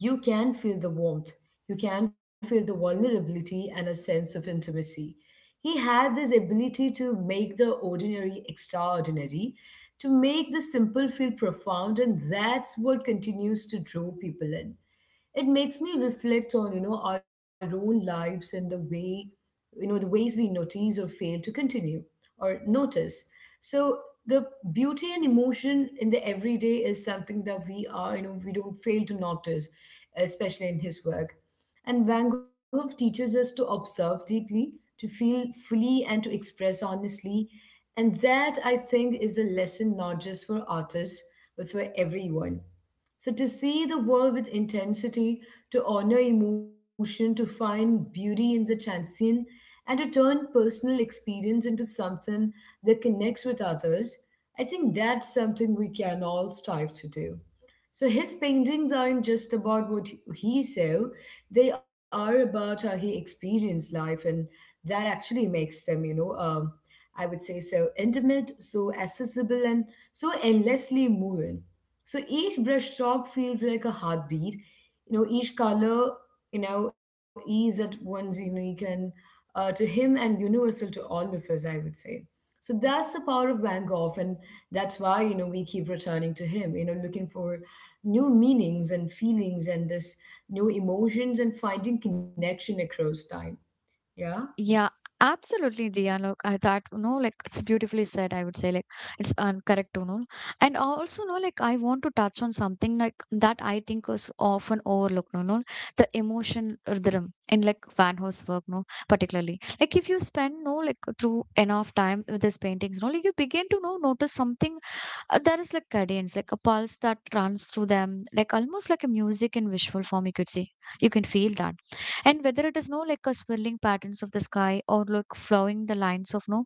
you can feel the warmth, you can feel the vulnerability and a sense of intimacy. He had this ability to make the ordinary extraordinary, to make the simple feel profound, and that's what continues to draw people in. It makes me reflect on, you know, our own lives and the way, you know, the ways we notice or fail to continue or notice. So the beauty and emotion in the everyday is something that we are, you know, we don't fail to notice, especially in his work. And Van Gogh teaches us to observe deeply, to feel fully, and to express honestly. And that, I think, is a lesson not just for artists but for everyone. So, to see the world with intensity, to honor emotion, to find beauty in the transient, and to turn personal experience into something that connects with others, I think that's something we can all strive to do. So, his paintings aren't just about what he saw, they are about how he experienced life, and that actually makes them, you know, um, I would say so intimate, so accessible, and so endlessly moving. So each brushstroke feels like a heartbeat. You know, each color, you know, is at once unique and uh, to him, and universal to all of us, I would say. So that's the power of Van Gogh, and that's why, you know, we keep returning to him. You know, looking for new meanings and feelings, and this new emotions, and finding connection across time. Yeah. Yeah, absolutely, Diya. Look, I thought, you know, like it's beautifully said, I would say, like it's um, correct to know. And also, no, like I want to touch on something like that I think is often overlooked, no, no, the emotion rhythm in like Van Gogh's work, no, particularly. Like if you spend, no, like through enough time with his paintings, no, like you begin to know, notice something. Uh, there is like cadence, like a pulse that runs through them, like almost like a music in visual form, you could see. You can feel that. And whether it is, no, like a swirling patterns of the sky or like flowing the lines of, no,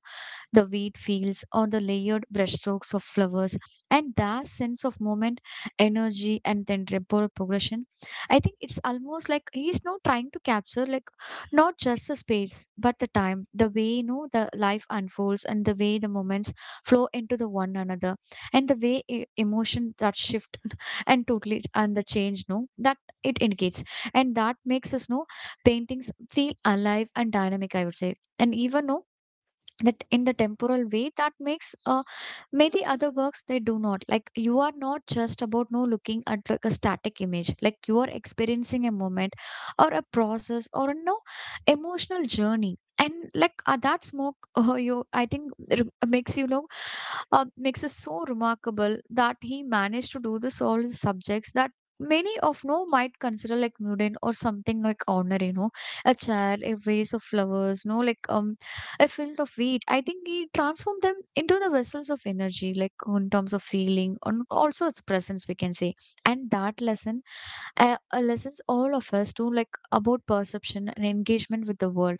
the wheat fields, or the layered brushstrokes of flowers. And that sense of movement, energy, and then temporal progression, I think it's almost like he's now trying to capture like not just the space, but the time, the way, you know, the life unfolds, and the way the moments flow into the one another, and the way e- emotion that shift and totally and the change, no, that it indicates, and that makes us know paintings feel alive and dynamic. I would say, and even no, that in the temporal way that makes uh, maybe other works they do not, like you are not just about, no, looking at like a static image, like you are experiencing a moment or a process or a no emotional journey. And like uh, that smoke uh, you, I think re- makes you know, uh, makes us so remarkable that he managed to do this all his subjects, that many of, no, might consider like mundane or something like ordinary, you know, a chair, a vase of flowers, no, like, um a field of wheat. I think he transformed them into the vessels of energy, like in terms of feeling and also its presence, we can say. And that lesson, uh, uh, lessons all of us to like about perception and engagement with the world.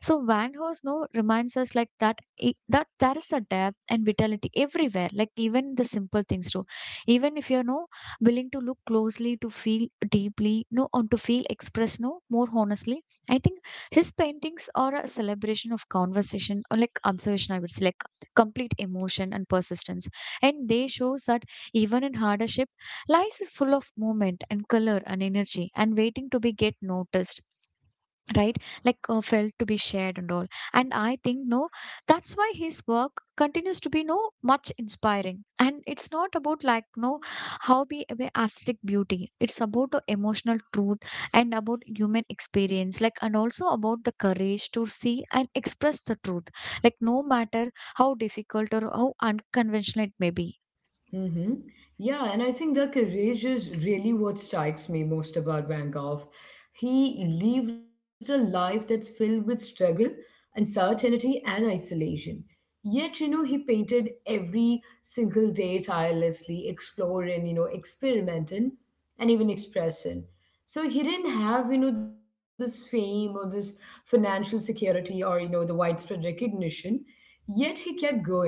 So Van Horst, no, reminds us like that i- that there is a depth and vitality everywhere, like even the simple things too. Even if you're no willing to look closely, to feel deeply, no, and to feel express, no, more honestly. I think his paintings are a celebration of conversation or like observation, I would say, like complete emotion and persistence. And they shows that even in hardship, lies is full of movement and color and energy and waiting to be get noticed, right, like uh, felt to be shared and all. And I think, no, that's why his work continues to be no much inspiring. And it's not about like, no, how we we aesthetic beauty, it's about the emotional truth and about human experience, like and also about the courage to see and express the truth, like no matter how difficult or how unconventional it may be. Mm-hmm. Yeah, and I think the courage is really what strikes me most about Van Gogh. He lived a life that's filled with struggle, uncertainty, and isolation. Yet, you know, he painted every single day, tirelessly exploring, you know, experimenting, and even expressing. So he didn't have, you know, this fame or this financial security or, you know, the widespread recognition. Yet he kept going,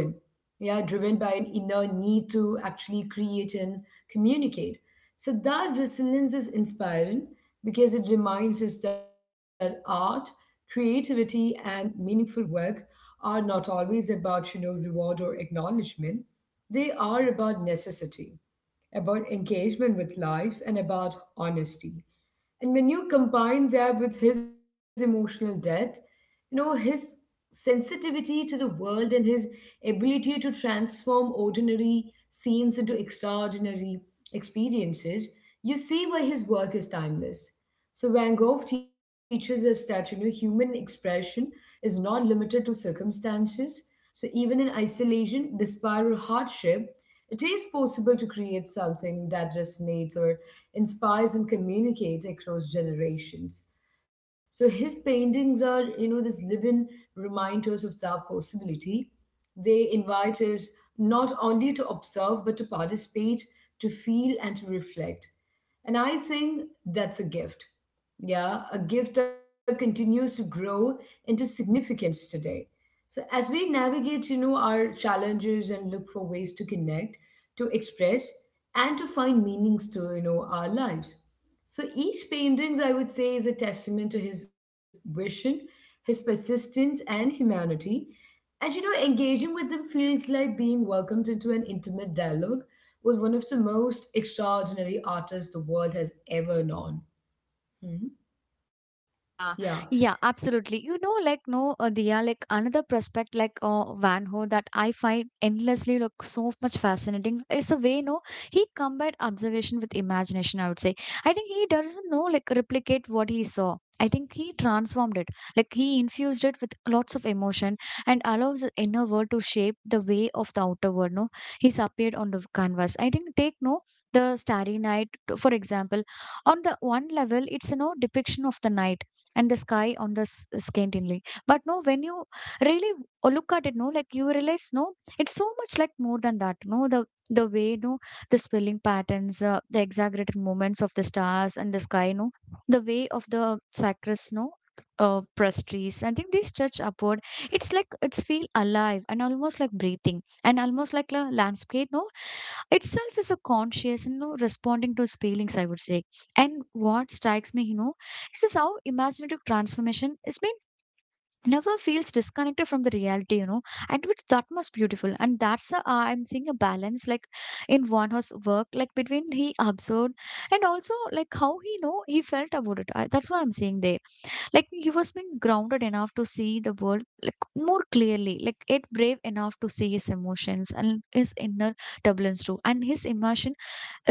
yeah, driven by an inner need to actually create and communicate. So that resilience is inspiring because it reminds us that art, creativity, and meaningful work are not always about, you know, reward or acknowledgement. They are about necessity, about engagement with life, and about honesty. And when you combine that with his emotional depth, you know, his sensitivity to the world and his ability to transform ordinary scenes into extraordinary experiences, you see why his work is timeless. So Van Gogh teaches us that, you know, human expression is not limited to circumstances. So even in isolation, despair, or hardship, it is possible to create something that resonates or inspires and communicates across generations. So his paintings are, you know, this living reminders of that possibility. They invite us not only to observe but to participate, to feel, and to reflect. And I think that's a gift. Yeah, a gift that continues to grow into significance today. So as we navigate, you know, our challenges and look for ways to connect, to express, and to find meanings to, you know, our lives. So each paintings, I would say, is a testament to his vision, his persistence, and humanity, and you know, engaging with them feels like being welcomed into an intimate dialogue with one of the most extraordinary artists the world has ever known. Hmm. Yeah. Yeah, yeah, absolutely. You know, like no, uh, Diya, like another prospect like uh, Van Ho that I find endlessly look so much fascinating is the way, no, he combined observation with imagination. I would say I think he doesn't know like replicate what he saw. I think he transformed it, like he infused it with lots of emotion and allows the inner world to shape the way of the outer world. No, he's appeared on the canvas. I think take, no, the Starry Night, t- for example. On the one level, it's a no depiction of the night and the sky on the s- scantinly, but no, when you really w- look at it, no, like you realize, no, it's so much like more than that, no, the the way, no, the spelling patterns, uh, the exaggerated movements of the stars and the sky, no, the way of the sacrus, no, uh, prestries, I think they stretch upward. It's like it's feel alive and almost like breathing and almost like a landscape, no, itself is a conscious and you responding to his feelings, I would say. And what strikes me, you know, this is how imaginative transformation is being never feels disconnected from the reality, you know, and which that must beautiful. And that's a, uh, I'm seeing a balance like in one horse work, like between he observed and also like how he know he felt about it. I, that's what I'm seeing there, like he was being grounded enough to see the world like more clearly, like it brave enough to see his emotions and his inner turbulence too, and his immersion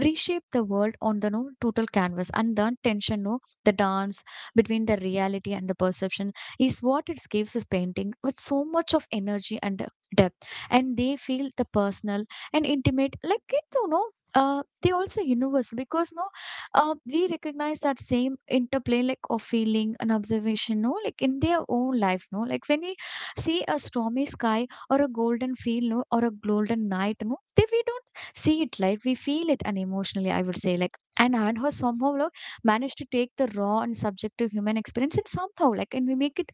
reshape the world on the no total canvas. And the tension, no, the dance between the reality and the perception is what it gives his painting with so much of energy and uh, depth. And they feel the personal and intimate like it, you know, uh, they also universal because, no, uh, we recognize that same interplay like of feeling and observation, no, like in their own lives, no, like when we see a stormy sky or a golden field, no, or a golden night, no, they we don't see it, like we feel it, and emotionally, I would say, like. and and her somehow like managed to take the raw and subjective human experience and somehow like and we make it,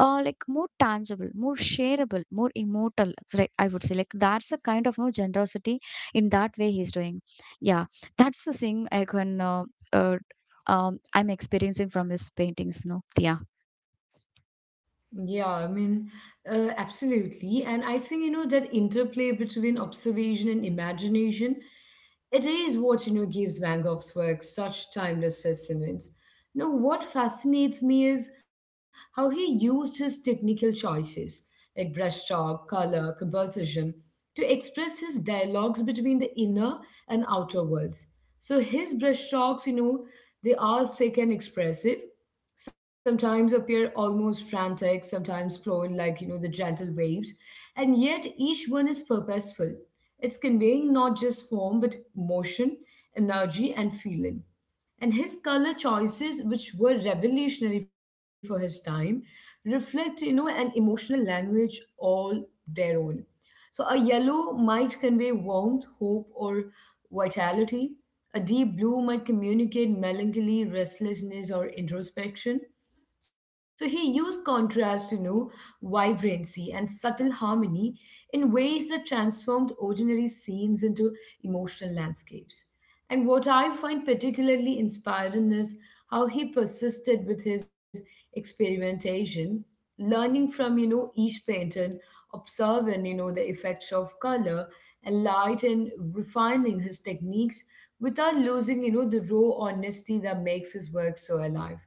uh like more tangible, more shareable, more immortal, right, I would say. Like that's a kind of, no, generosity in that way he's doing. Yeah, that's the thing I can uh, uh um I'm experiencing from his paintings, no. Yeah. Yeah, I mean, uh, absolutely. And I think, you know, that interplay between observation and imagination, it is what, you know, gives Van Gogh's work such timeless resonance. You know, what fascinates me is how he used his technical choices, like brushstroke, color, composition, to express his dialogues between the inner and outer worlds. So his brushstrokes, you know, they are thick and expressive, sometimes appear almost frantic, sometimes flowing like, you know, the gentle waves, and yet each one is purposeful. It's conveying not just form, but motion, energy, and feeling. And his color choices, which were revolutionary for his time, reflect, you know, an emotional language all their own. So a yellow might convey warmth, hope, or vitality. A deep blue might communicate melancholy, restlessness, or introspection. So he used contrast, you know, vibrancy and subtle harmony in ways that transformed ordinary scenes into emotional landscapes. And what I find particularly inspiring is how he persisted with his experimentation, learning from, you know, each painter, observing, you know, the effects of color and light, and refining his techniques without losing, you know, the raw honesty that makes his work so alive.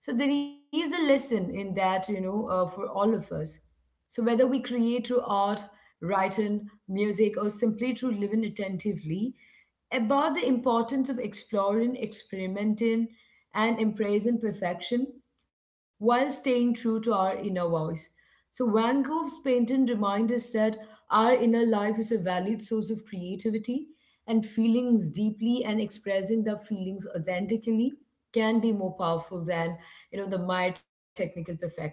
So there is a lesson in that, you know, uh, for all of us. So whether we create through art, writing, music, or simply through living attentively, about the importance of exploring, experimenting, and embracing perfection while staying true to our inner voice. So Van Gogh's painting reminds us that our inner life is a valid source of creativity, and feelings deeply and expressing the feelings authentically can be more powerful than, you know, the my technical perfection.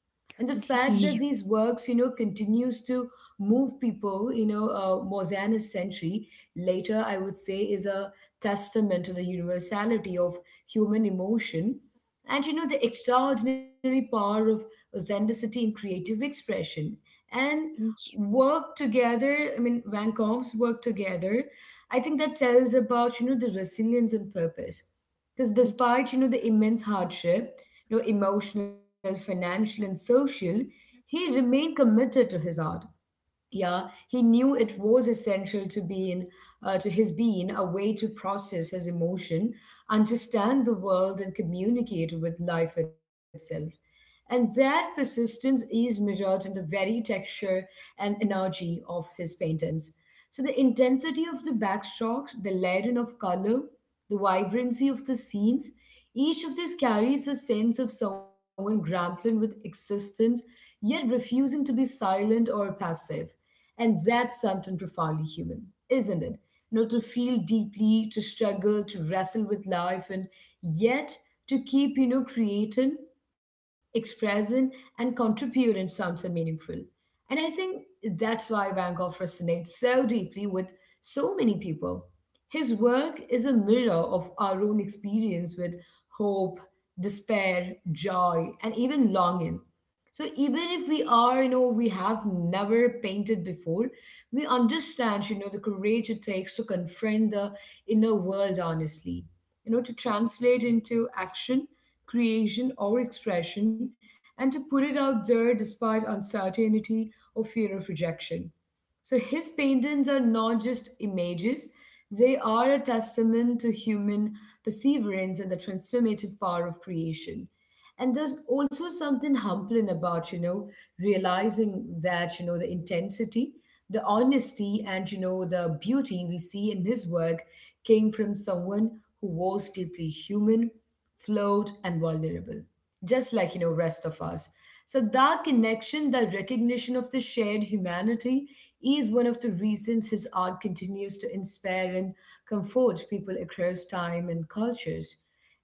And the fact that these Ye- works, you know, continues to move people, you know, uh, more than a century later, I would say, is a testament to the universality of human emotion and, you know, the extraordinary power of authenticity in creative expression. And work together, I mean, Van Gogh's work together, I think, that tells about, you know, the resilience and purpose, because despite, you know, the immense hardship, you know, emotional, financial, and social, he remained committed to his art. Yeah, he knew it was essential to being, uh, to his being, a way to process his emotion, understand the world, and communicate with life itself. And that persistence is mirrored in the very texture and energy of his paintings. So, the intensity of the backstrokes, the layering of color, the vibrancy of the scenes, each of these carries a sense of someone grappling with existence yet refusing to be silent or passive. And that's something profoundly human, isn't it? You know, to feel deeply, to struggle, to wrestle with life, and yet to keep, you know, creating, expressing, and contributing something meaningful. And I think that's why Van Gogh resonates so deeply with so many people. His work is a mirror of our own experience with hope, despair, joy, and even longing. So even if we are, you know, we have never painted before, we understand, you know, the courage it takes to confront the inner world honestly, you know, to translate into action, creation, or expression, and to put it out there despite uncertainty or fear of rejection. So his paintings are not just images, they are a testament to human perseverance and the transformative power of creation. And there's also something humbling about, you know, realizing that, you know, the intensity, the honesty, and, you know, the beauty we see in his work came from someone who was deeply human, flawed, and vulnerable, just like, you know, rest of us. So that connection, that recognition of the shared humanity, is one of the reasons his art continues to inspire and comfort people across time and cultures.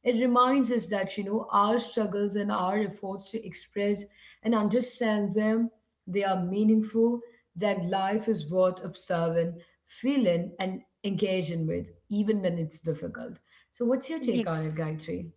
It reminds us that, you know, our struggles and our efforts to express and understand them, they are meaningful, that life is worth observing, feeling, and engaging with even when it's difficult. So what's your take on it, Exactly. Gayatri?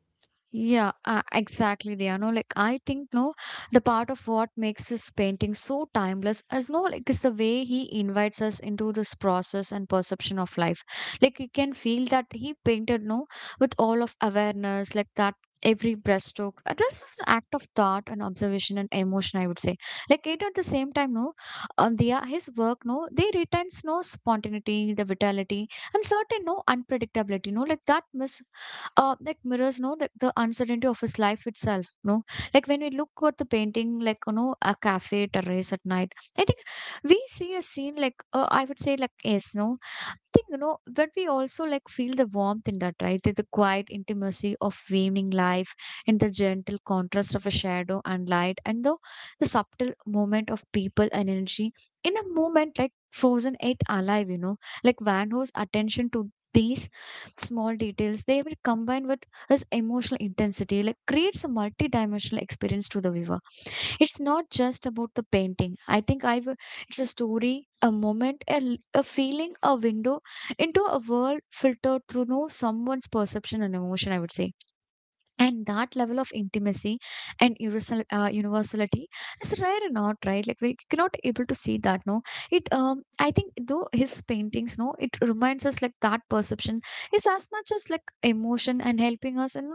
Yeah, uh, exactly. They are no like I think, no, the part of what makes this painting so timeless is, no, like is the way he invites us into this process and perception of life. Like you can feel that he painted, no, with all of awareness, like that every breaststroke. Uh, That's just an act of thought and observation and emotion. I would say like it at the same time, no, um, the uh, his work, no, they retains no spontaneity, the vitality and certain no unpredictability. No like that miss uh, that mirrors no the, the uncertainty of his life itself no like when we look at the painting like you know a cafe terrace at night I think we see a scene like uh, I would say like yes no think you know but we also like feel the warmth in that right the quiet intimacy of evening life and the gentle contrast of a shadow and light and the, the subtle movement of people and energy in a moment like frozen eight alive you know like van Gogh's attention to these small details they will combine with this emotional intensity like creates a multi-dimensional experience to the viewer it's not just about the painting I think I've it's a story a moment a, l- a feeling a window into a world filtered through no someone's perception and emotion, I would say and that level of intimacy and universal uh, universality is rare and not right like we cannot able to see that no it um I think though his paintings no it reminds us like that perception is as much as like emotion and helping us and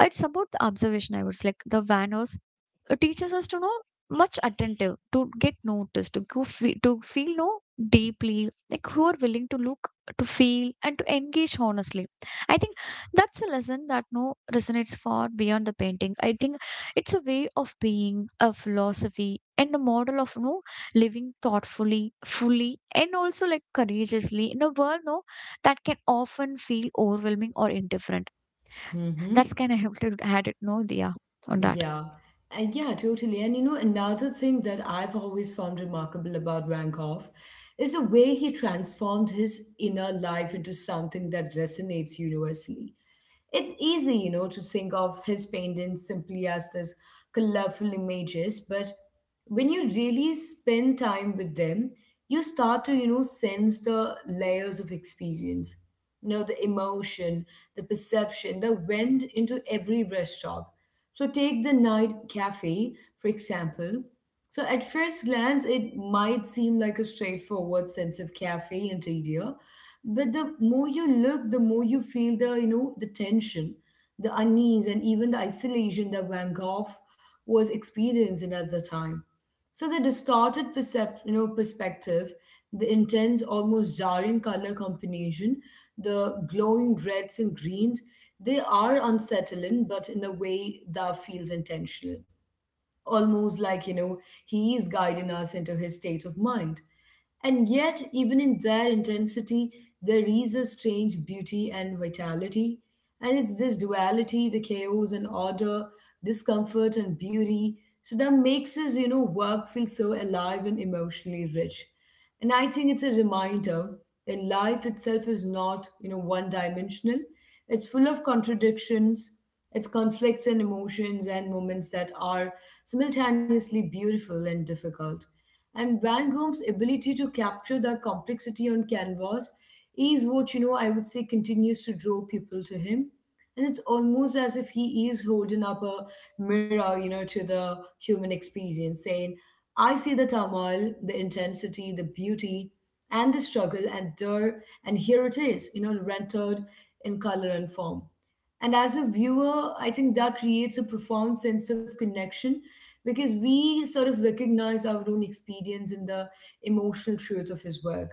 uh, it's about the observation I would say like the vanos uh, teaches us to know much attentive to get noticed to go fe- to feel no deeply like who are willing to look to feel and to engage honestly I think that's a lesson that no resonates far beyond the painting. I think it's a way of being, a philosophy, and a model of no living thoughtfully, fully, and also like courageously in a world no that can often feel overwhelming or indifferent. Mm-hmm. That's kind of helped to add it no, yeah, on that. Yeah, and yeah, totally. And you know, another thing that I've always found remarkable about Rankoff is the way he transformed his inner life into something that resonates universally. It's easy, you know, to think of his paintings simply as these colorful images, but when you really spend time with them, you start to, you know, sense the layers of experience. You know, the emotion, the perception that went into every brushstroke. So take the night cafe, for example. So at first glance, it might seem like a straightforward sense of cafe interior, but the more you look, the more you feel the you know the tension, the unease, and even the isolation that Van Gogh was experiencing at the time. So the distorted percep- you know, perspective, the intense, almost jarring color combination, the glowing reds and greens, they are unsettling, but in a way that feels intentional, almost like, you know, he is guiding us into his state of mind. And yet, even in their intensity, there is a strange beauty and vitality. And it's this duality, the chaos and order, discomfort and beauty, so that makes his, you know, work feel so alive and emotionally rich. And I think it's a reminder that life itself is not, you know, one dimensional. It's full of contradictions, it's conflicts and emotions and moments that are simultaneously beautiful and difficult. And Van Gogh's ability to capture that complexity on canvas is what, you know, I would say continues to draw people to him. And it's almost as if he is holding up a mirror, you know, to the human experience, saying, I see the turmoil, the intensity, the beauty, and the struggle, and there, and here it is, you know, rendered in color and form. And as a viewer, I think that creates a profound sense of connection because we sort of recognize our own experience in the emotional truth of his work.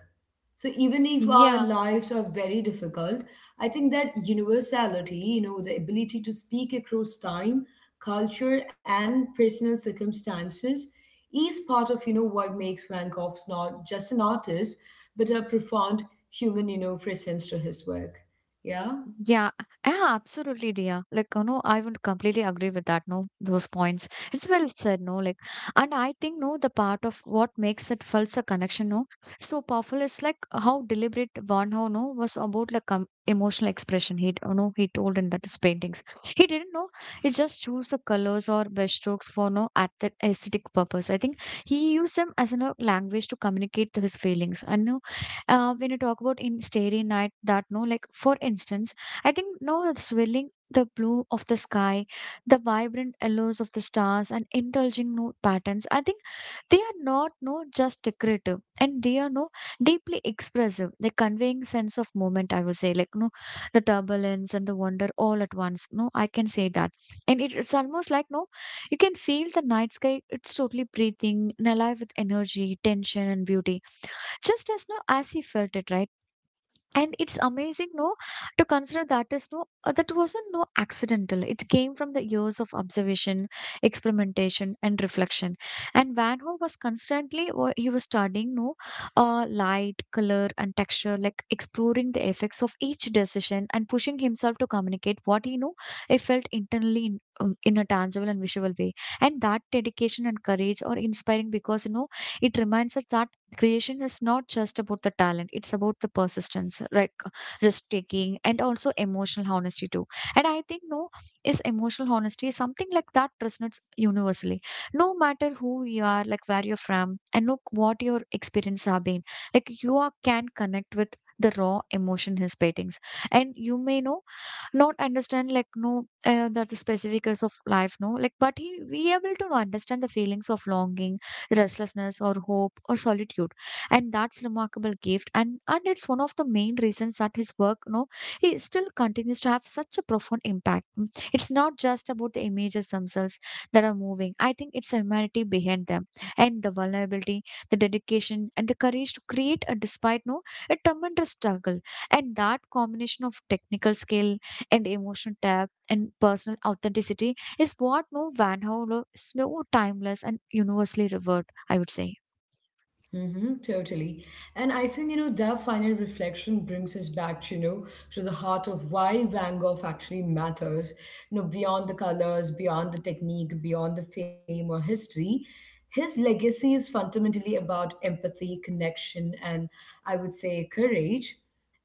So even if our Yeah, lives are very difficult, I think that universality, you know, the ability to speak across time, culture, and personal circumstances is part of, you know, what makes Van Gogh's not just an artist, but a profound human, you know, presence to his work. Yeah. Yeah, yeah, absolutely, dear. Like, you know, I would completely agree with that. No, those points. It's well said. No, like, and I think no, the part of what makes it felt a connection. No, so powerful is like how deliberate Van Gogh no was about like um, emotional expression. He, you know, he told in that his paintings. He didn't know. He just chose the colors or brushstrokes for no ath- aesthetic purpose. I think he used them as a no, language to communicate his feelings. And no, uh, when you talk about in Starry Night, that no, like for instance I think now it's willing the blue of the sky, the vibrant yellows of the stars, and indulging no patterns. I think they are not no just decorative, and they are no deeply expressive. They conveying sense of moment. I would say like no, the turbulence and the wonder all at once. No, I can say that, and it, it's almost like no, you can feel the night sky. It's totally breathing and alive with energy, tension, and beauty, just as no as he felt it, right? And it's amazing no to consider that is no uh, that wasn't no accidental it came from the years of observation experimentation and reflection and van gogh was constantly wa- he was studying no uh, light color and texture like exploring the effects of each decision and pushing himself to communicate what he knew he felt internally in, um, in a tangible and visual way and that dedication and courage are inspiring because you know it reminds us that creation is not just about the talent it's about the persistence like uh, risk taking and also emotional honesty too and I think no is emotional honesty is something like that resonates universally no matter who you are like where you're from and look what your experience have been like you are, can connect with the raw emotion his paintings and you may know not understand like no uh, that the specifics of life no like but he we able to understand the feelings of longing restlessness or hope or solitude and that's remarkable gift and and it's one of the main reasons that his work you know he still continues to have such a profound impact. Mm. It's not just about the images themselves that are moving I think it's the humanity behind them and the vulnerability the dedication and the courage to create a despite no a tremendous struggle and that combination of technical skill and emotional depth and personal authenticity is what no Van Howler is so timeless and universally revered, I would say. Mm-hmm, totally. And I think, you know, that final reflection brings us back, you know, to the heart of why Van Gogh actually matters. You know, beyond the colors, beyond the technique, beyond the fame or history, his legacy is fundamentally about empathy, connection, and I would say courage.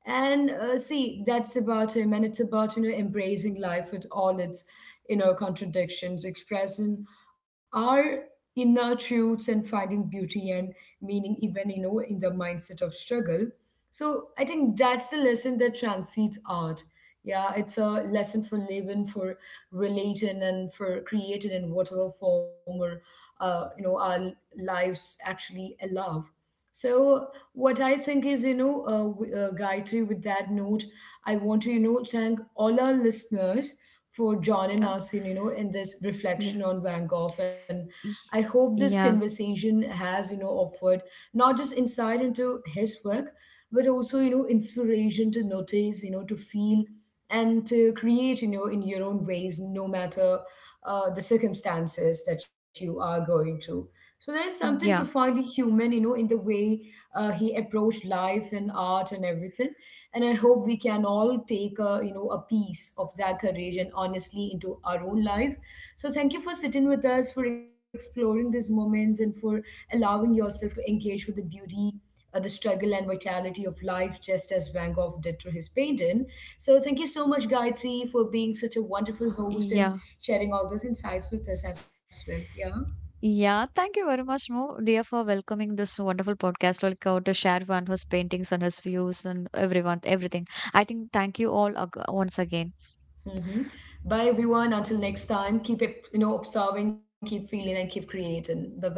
And uh, see, that's about him, and it's about you know embracing life with all its you know contradictions, expressing our inner truths and finding beauty and meaning even you know in the mindset of struggle. So I think that's the lesson that transcends art. Yeah, it's a lesson for living, for relating, and for creating in whatever form or uh, you know our lives actually allow. So what I think is, you know, uh, w- uh, Gayatri, with that note, I want to, you know, thank all our listeners for joining Yeah, us in, you know, in this yeah, reflection on Van Gogh. And y- I hope this yeah, conversation has, you know, offered not just insight into his work, but also, you know, inspiration to notice, you know, to feel and to create, you know, in your own ways, no matter uh, the circumstances that you are going to. So there is something yeah, profoundly human, you know, in the way uh, he approached life and art and everything. And I hope we can all take a, you know, a piece of that courage and honestly into our own life. So thank you for sitting with us, for exploring these moments, and for allowing yourself to engage with the beauty. Uh, the struggle and vitality of life, just as Van Gogh did through his painting. So, thank you so much, Gayatri, for being such a wonderful host and yeah. sharing all those insights with us as well. Yeah. Yeah, thank you very much, Mo, dear, for welcoming this wonderful podcast. Like out to share one his paintings and his views and everyone, everything. I think thank you all ag- once again. hmm Bye, everyone. Until next time, keep, it, you know, observing, keep feeling, and keep creating. Bye bye.